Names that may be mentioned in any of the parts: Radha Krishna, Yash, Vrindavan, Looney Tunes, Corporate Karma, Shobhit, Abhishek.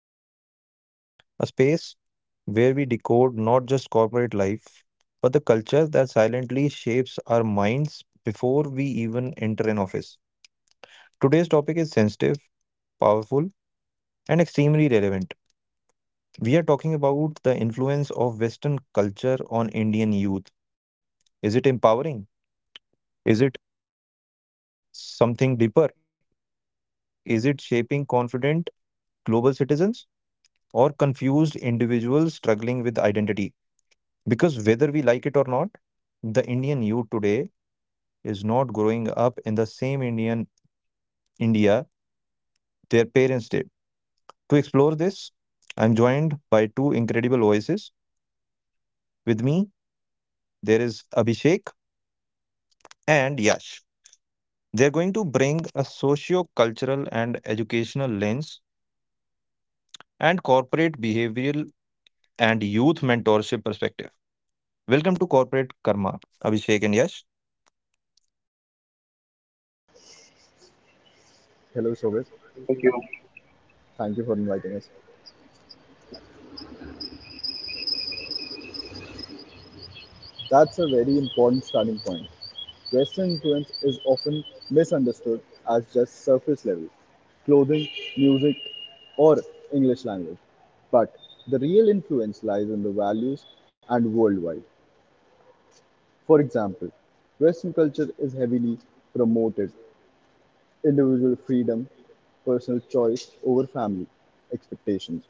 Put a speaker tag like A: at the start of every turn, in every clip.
A: Corporate Karma, a space where we decode not just corporate life, but the culture that silently shapes our minds before we even enter an office. Today's topic is sensitive, powerful, and extremely relevant. We are talking about the influence of Western culture on Indian youth. Is it empowering? Is it something deeper? Is it shaping confident global citizens or confused individuals struggling with identity? Because whether we like it or not, the Indian youth today is not growing up in the same India their parents did. To explore this, I'm joined by two incredible voices. With me, there is Abhishek and Yash. They're going to bring a socio-cultural and educational lens and corporate behavioral and youth mentorship perspective. Welcome to Corporate Karma, Abhishek and Yash.
B: Hello, Shobhit.
C: Thank you.
B: Thank you for inviting us. That's a very important starting point. Western influence is often misunderstood as just surface level clothing, music, or English language. But the real influence lies in the values and worldwide. For example, Western culture is heavily promoted individual freedom, personal choice over family expectations,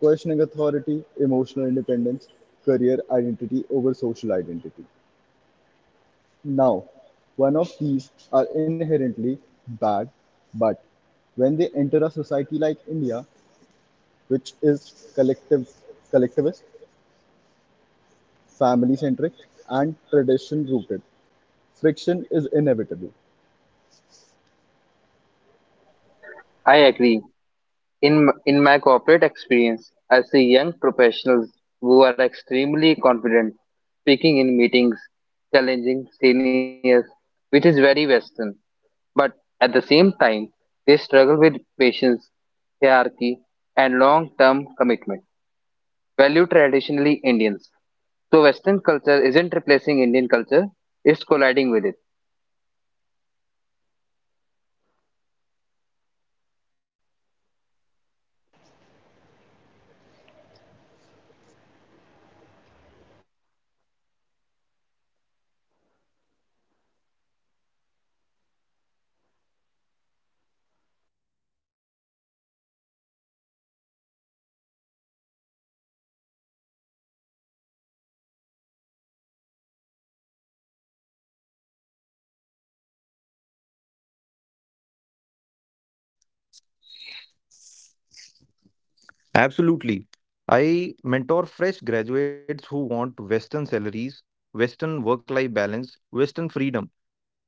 B: questioning authority, emotional independence, career identity over social identity. Now, one of these are inherently bad, but when they enter a society like India, which is collective, collectivist, family centric, and tradition rooted, friction is inevitable.
C: I agree. In my corporate experience, I see young professionals who are extremely confident, speaking in meetings, challenging seniors, which is very Western. But at the same time, they struggle with patience, hierarchy, and long-term commitment. Value traditionally Indians. So Western culture isn't replacing Indian culture; it's colliding with it.
A: Absolutely. I mentor fresh graduates who want Western salaries, Western work life balance, Western freedom,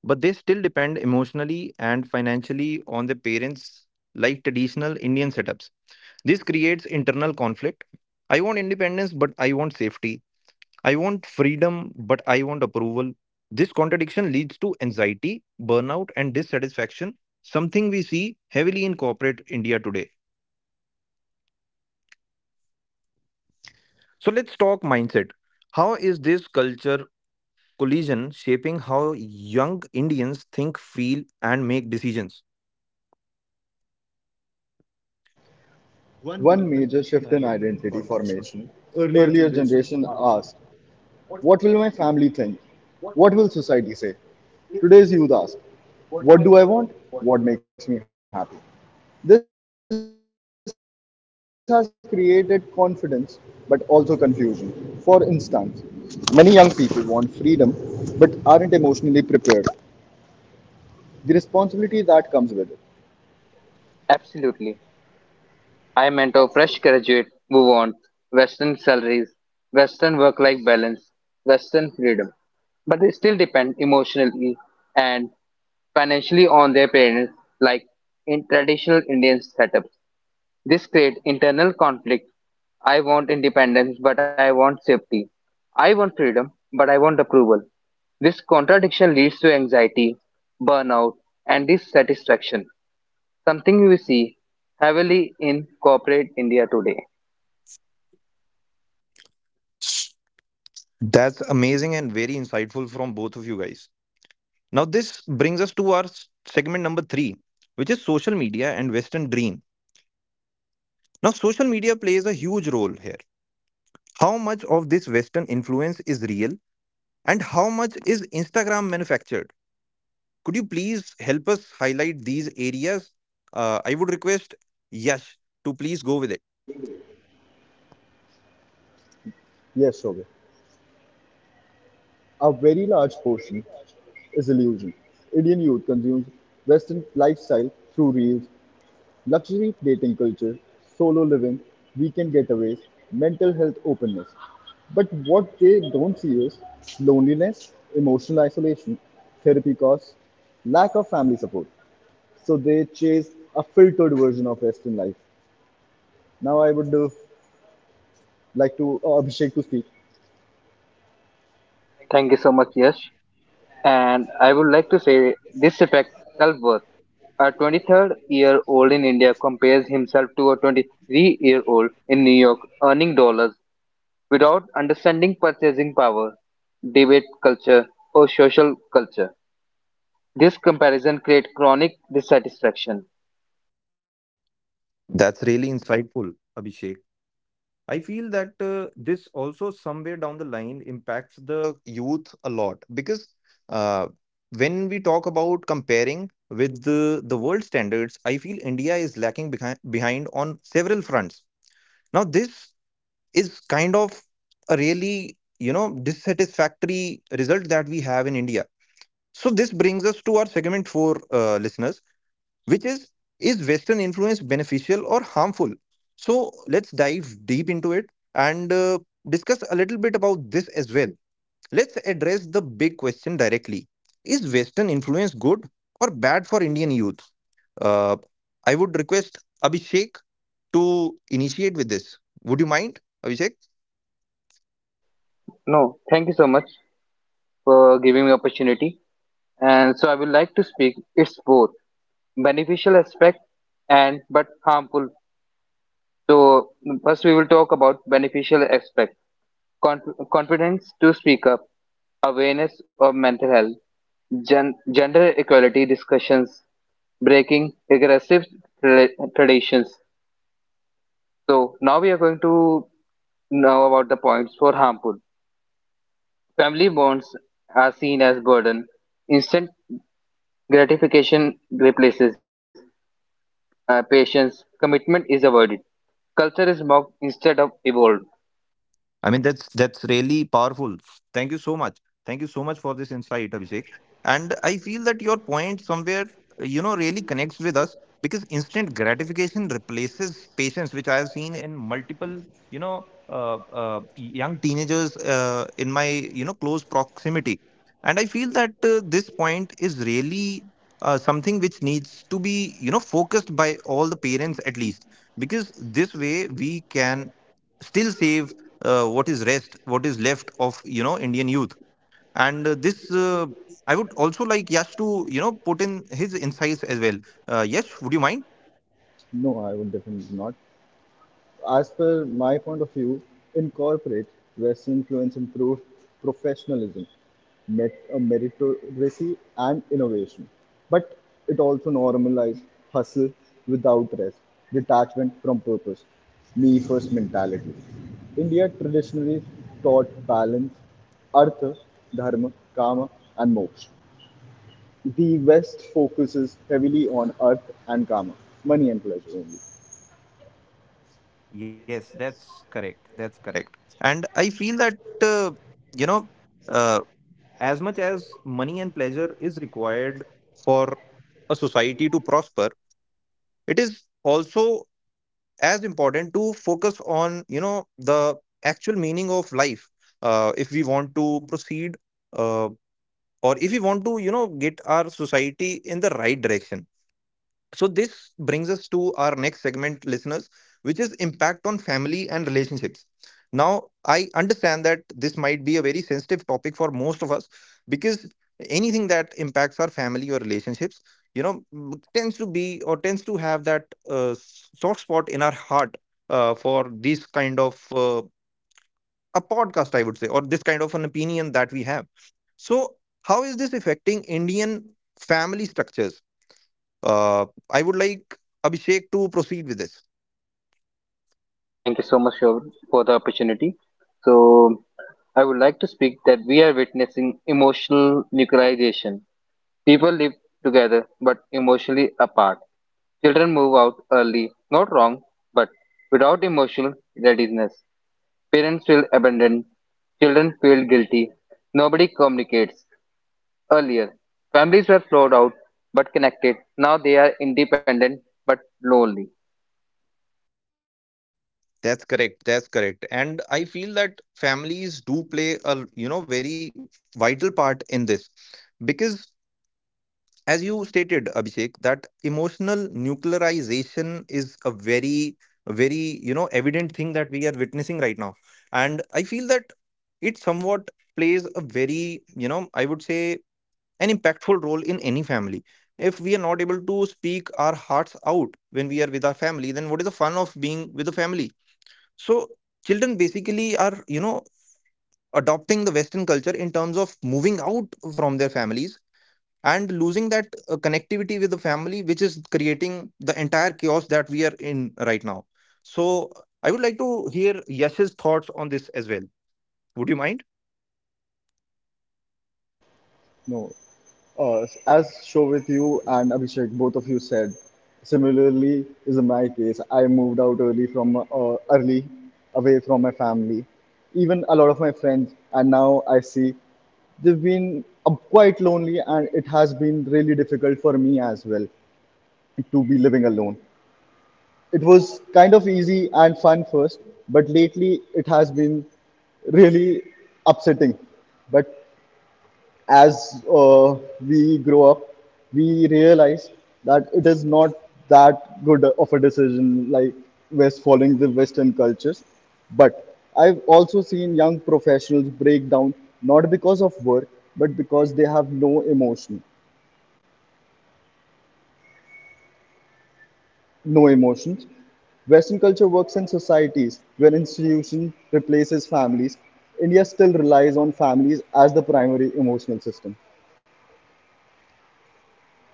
A: but they still depend emotionally and financially on their parents like traditional Indian setups. This creates internal conflict. I want independence, but I want safety. I want freedom, but I want approval. This contradiction leads to anxiety, burnout, and dissatisfaction, something we see heavily in corporate India today. So let's talk mindset. How is this culture collision shaping how young Indians think, feel, and make decisions?
B: One major shift in identity formation earlier generation asked, "What will my family think? What will society say?" Today's youth ask, "What do I want? What makes me happy?" This has created confidence but also confusion. For instance, many young people want freedom but aren't emotionally prepared. The responsibility that comes with it.
C: Absolutely. I mentor fresh graduates who want Western salaries, Western work-life balance, Western freedom, but they still depend emotionally and financially on their parents, like in traditional Indian setups. This creates internal conflict. I want independence, but I want safety. I want freedom, but I want approval. This contradiction leads to anxiety, burnout, and dissatisfaction, something we see heavily in corporate India today.
A: That's amazing and very insightful from both of you guys. Now, this brings us to our segment number three, which is social media and Western dream. Now, social media plays a huge role here. How much of this Western influence is real and how much is Instagram manufactured? Could you please help us highlight these areas? I would request Yash to please go with it.
B: Yes, Shobhit. A very large portion is illusion. Indian youth consumes Western lifestyle through reels, luxury dating culture, solo living, weekend getaways, mental health openness. But what they don't see is loneliness, emotional isolation, therapy costs, lack of family support. So they chase a filtered version of Western life. Now I would like to Abhishek to speak.
C: Thank you so much, Yash. And I would like to say this effect self worth. A 23 year old in India compares himself to a 23-year-old in New York earning dollars without understanding purchasing power, debate culture, or social culture. This comparison creates chronic dissatisfaction.
A: That's really insightful, Abhishek. I feel that this also somewhere down the line impacts the youth a lot because uh, when we talk about comparing with the world standards, I feel India is lacking behind on several fronts. Now, this is kind of a really, you know, dissatisfactory result that we have in India. So this brings us to our segment for listeners, which is Western influence beneficial or harmful? So let's dive deep into it and discuss a little bit about this as well. Let's address the big question directly. Is Western influence good or bad for Indian youth? Uh, i would request Abhishek to initiate with this. Would you mind, Abhishek?
C: No, thank you so much for giving me opportunity. And so I would like to speak. It's both beneficial aspect and but harmful, so first we will talk about beneficial aspect. Confidence to speak up, awareness of mental health, gender equality discussions, breaking aggressive tra- traditions. So now we are going to know about the points for harmful. Family bonds are seen as burden, instant gratification replaces patience, commitment is avoided, culture is mocked instead of evolved.
A: I mean, that's really powerful. Thank you so much. Thank you so much for this insight, Abhishek. And I feel that your point somewhere, you know, really connects with us because instant gratification replaces patience, which I have seen in multiple, you know, young teenagers in my, you know, close proximity. And I feel that this point is really something which needs to be, you know, focused by all the parents at least, because this way we can still save what is left of, you know, Indian youth. And this I would also like Yash to, you know, put in his insights as well. Yash, would you mind?
B: No, I would definitely not. As per my point of view, in corporate, Western influence improved professionalism, met meritocracy, and innovation. But it also normalized hustle without rest, detachment from purpose, me first mentality. India traditionally taught balance, artha, dharma, kama, and moksha. The West focuses heavily on artha and kama, money and pleasure only.
A: Yes, that's correct. That's correct. And I feel that you know uh, as much as money and pleasure is required for a society to prosper, it is also as important to focus on, you know, the actual meaning of life if we want to proceed, uh. or if we want to, you know, get our society in the right direction. So this brings us to our next segment, listeners, which is impact on family and relationships. Now, I understand that this might be a very sensitive topic for most of us because anything that impacts our family or relationships, you know, tends to be or tends to have that soft spot in our heart for these kind of a podcast, I would say, or this kind of an opinion that we have. So, how is this affecting Indian family structures? Uh, I would like Abhishek to proceed with this.
C: Thank you so much for the opportunity. So, I would like to speak that we are witnessing emotional nuclearization. People live together but emotionally apart. Children move out early, not wrong, but without emotional readiness. Parents feel abandoned. Children feel guilty. Nobody communicates. Earlier, families were flawed out but connected. Now they are independent but lonely.
A: That's correct. That's correct. And I feel that families do play a, you know, very vital part in this because as you stated, Abhishek, that emotional nuclearization is a very, very, you know, evident thing that we are witnessing right now. And I feel that it somewhat plays a very, you know, I would say, an impactful role in any family. If we are not able to speak our hearts out when we are with our family, then what is the fun of being with the family? So children basically are, you know, adopting the Western culture in terms of moving out from their families and losing that connectivity with the family, which is creating the entire chaos that we are in right now. So I would like to hear Yash's thoughts on this as well. Would you mind?
B: No. As Shobit, you and Abhishek, both of you said, similarly is my case. I moved out early early, away from my family, even a lot of my friends, and now I see they've been quite lonely, and it has been really difficult for me as well to be living alone. It was kind of easy and fun first, but lately it has been really upsetting. But as we grow up, we realize that it is not that good of a decision like West following the Western cultures. But I've also seen young professionals break down not because of work, but because they have no emotions. Western culture works in societies where institution replaces families. India still relies on families as the primary emotional system.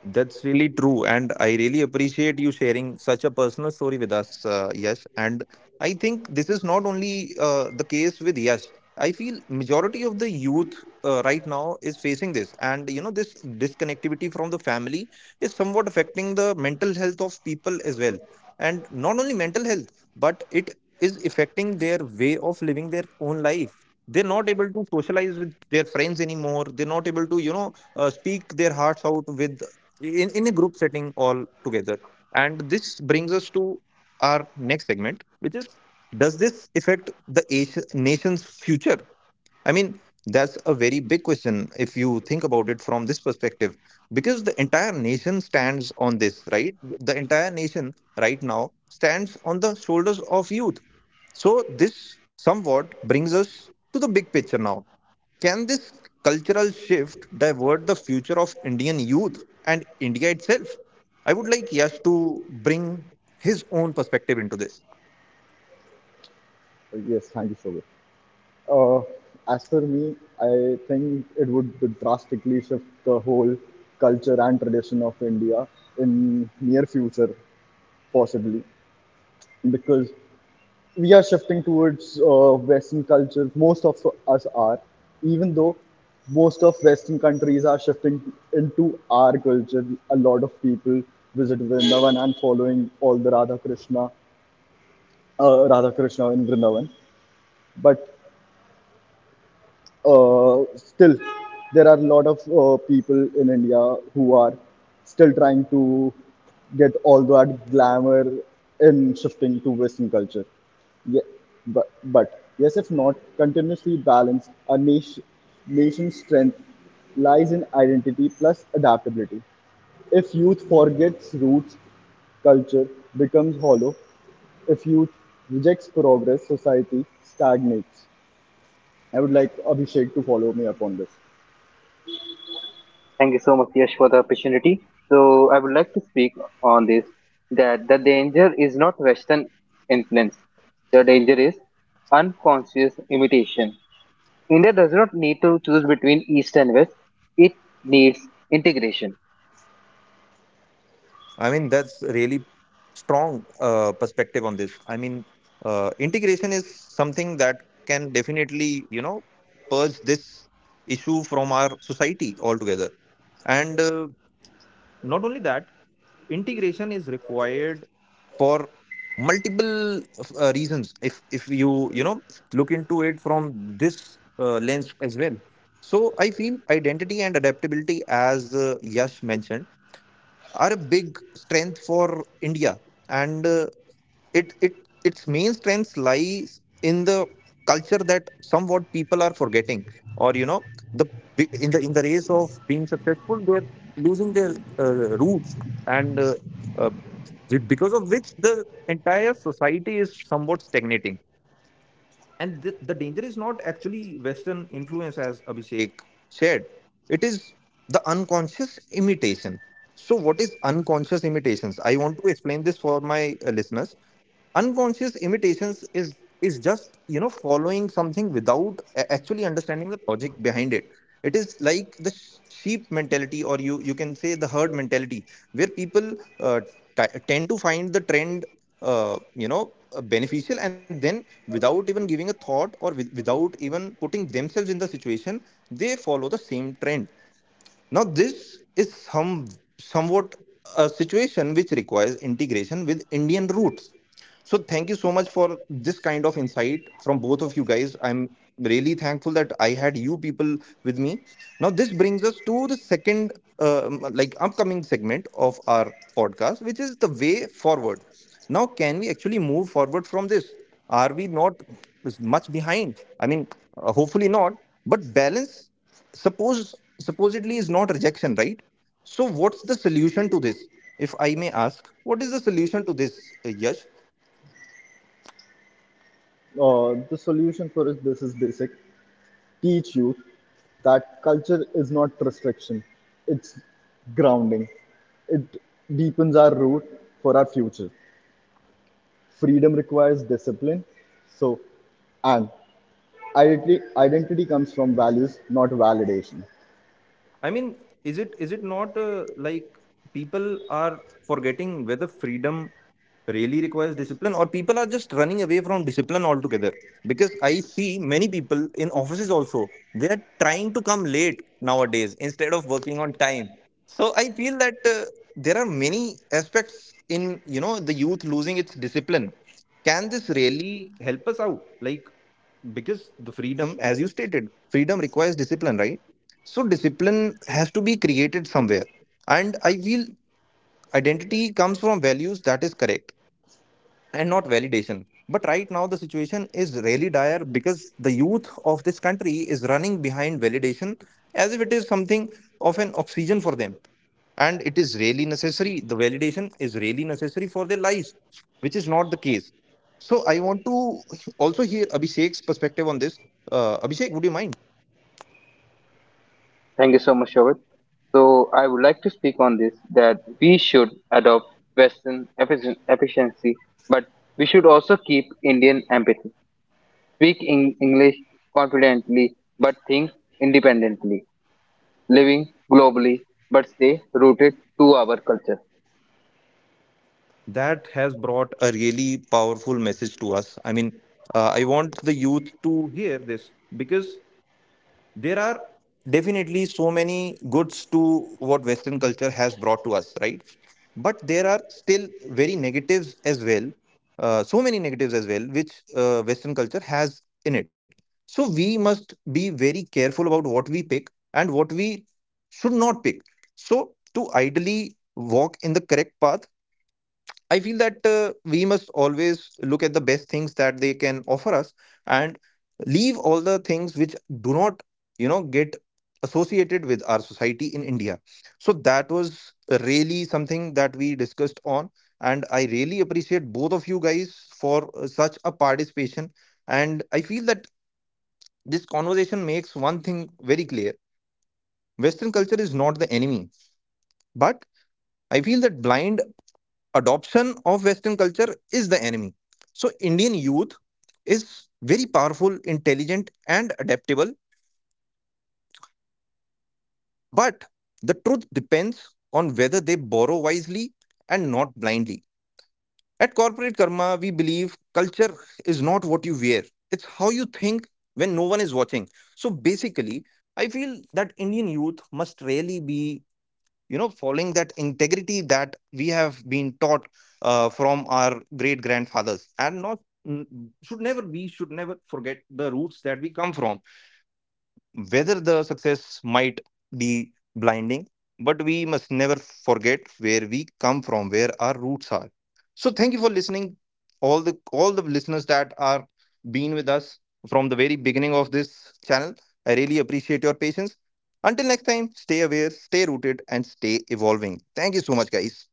A: That's really true. And I really appreciate you sharing such a personal story with us, Yash. And I think this is not only the case with Yash. I feel majority of the youth right now is facing this. And, you know, this disconnectivity from the family is somewhat affecting the mental health of people as well. And not only mental health, but it is affecting their way of living their own life. They're not able to socialize with their friends anymore. They're not able to, you know, speak their hearts out with in a group setting all together. And this brings us to our next segment, which is does this affect the nation's future? I mean, that's a very big question if you think about it from this perspective, because the entire nation stands on this, right? The entire nation right now stands on the shoulders of youth. So this somewhat brings us to the big picture now. Can this cultural shift divert the future of Indian youth and India itself? I would like Yash to bring his own perspective into this.
B: Yes, thank you so much. Uh, as for me, I think it would drastically shift the whole culture and tradition of India in near future, possibly, because we are shifting towards Western culture. Most of us are, even though most of Western countries are shifting into our culture. A lot of people visit Vrindavan and following all the Radha Krishna in Vrindavan, but still there are a lot of people in India who are still trying to get all that glamour in shifting to Western culture. Yeah, but yes, if not continuously balanced, a nation's strength lies in identity plus adaptability. If youth forgets roots, culture becomes hollow. If youth rejects progress, society stagnates. I would like Abhishek to follow me up on this.
C: Thank you so much, Yash, for the opportunity. So I would like to speak on this, that the danger is not Western influence. The danger is unconscious imitation. India does not need to choose between East and West. It needs integration.
A: I mean, that's really strong perspective on this. I mean, integration is something that can definitely, you know, purge this issue from our society altogether. And not only that, integration is required for multiple reasons if you, you know, look into it from this lens as well. So I feel identity and adaptability, as Yash mentioned, are a big strength for India. And it its main strengths lies in the culture that somewhat people are forgetting, or, you know, the in the race of being successful, they're losing their roots. and uh, uh, because of which the entire society is somewhat stagnating. And the danger is not actually Western influence, as Abhishek shared. It is the unconscious imitation. So, what is unconscious imitations? I want to explain this for my listeners. Unconscious imitations is just, you know, following something without actually understanding the logic behind it. It is like the sheep mentality, or you can say the herd mentality, where people uh, tend to find the trend beneficial, and then without even giving a thought or without even putting themselves in the situation, they follow the same trend. Now, this is somewhat a situation which requires integration with Indian roots. So, thank you so much for this kind of insight from both of you guys. I'm really thankful that I had you people with me. Now, this brings us to the second, like, upcoming segment of our podcast, which is the way forward. Now, can we actually move forward from this? Are we not much behind? I mean, hopefully not, but balance. Suppose supposedly is not rejection, right? So, what's the solution to this? If I may ask, what is the solution to this, Yash?
B: The solution for it, this is basic. Teach youth that culture is not restriction, it's grounding. It deepens our root for our future. Freedom requires discipline. So, and identity comes from values, not validation.
A: I mean, is it not like people are forgetting whether freedom really requires discipline, or people are just running away from discipline altogether? Because I see many people in offices also they are trying to come late nowadays instead of working on time. So I feel that there are many aspects in, you know, the youth losing its discipline. Can this really help us out? Like, because the freedom, as you stated, freedom requires discipline, right? So, discipline has to be created somewhere. And I feel identity comes from values, that is correct, and not validation. But right now, the situation is really dire because the youth of this country is running behind validation as if it is something of an oxygen for them. And it is really necessary. The validation is really necessary for their lives, which is not the case. So I want to also hear Abhishek's perspective on this. Abhishek, would you mind?
C: Thank you so much, Shobit. So I would like to speak on this, that we should adopt Western efficiency, but we should also keep Indian empathy. Speak in English confidently, but think independently. Living globally but stay rooted to our culture.
A: That has brought a really powerful message to us. I mean, I want the youth to hear this because there are definitely so many goods to what Western culture has brought to us, right? But there are still very negatives as well, so many negatives as well which Western culture has in it. So we must be very careful about what we pick and what we should not pick. So to ideally walk in the correct path, I feel that we must always look at the best things that they can offer us and leave all the things which do not, you know, get associated with our society in India. So that was really something that we discussed on. And I really appreciate both of you guys for such a participation. And I feel that this conversation makes one thing very clear. Western culture is not the enemy, but I feel that blind adoption of Western culture is the enemy. So Indian youth is very powerful, intelligent, and adaptable, but the truth depends on whether they borrow wisely and not blindly. At Corporate Karma, we believe culture is not what you wear, it's how you think when no one is watching. So basically, I feel that Indian youth must really be, you know, following that integrity that we have been taught from our great grandfathers, and not n- should never, we should never forget the roots that we come from. Whether the success might be blinding, but we must never forget where we come from, where our roots are. So thank you for listening, all the listeners that are been with us from the very beginning of this channel. I really appreciate your patience. Until next time, stay aware, stay rooted, and stay evolving. Thank you so much, guys.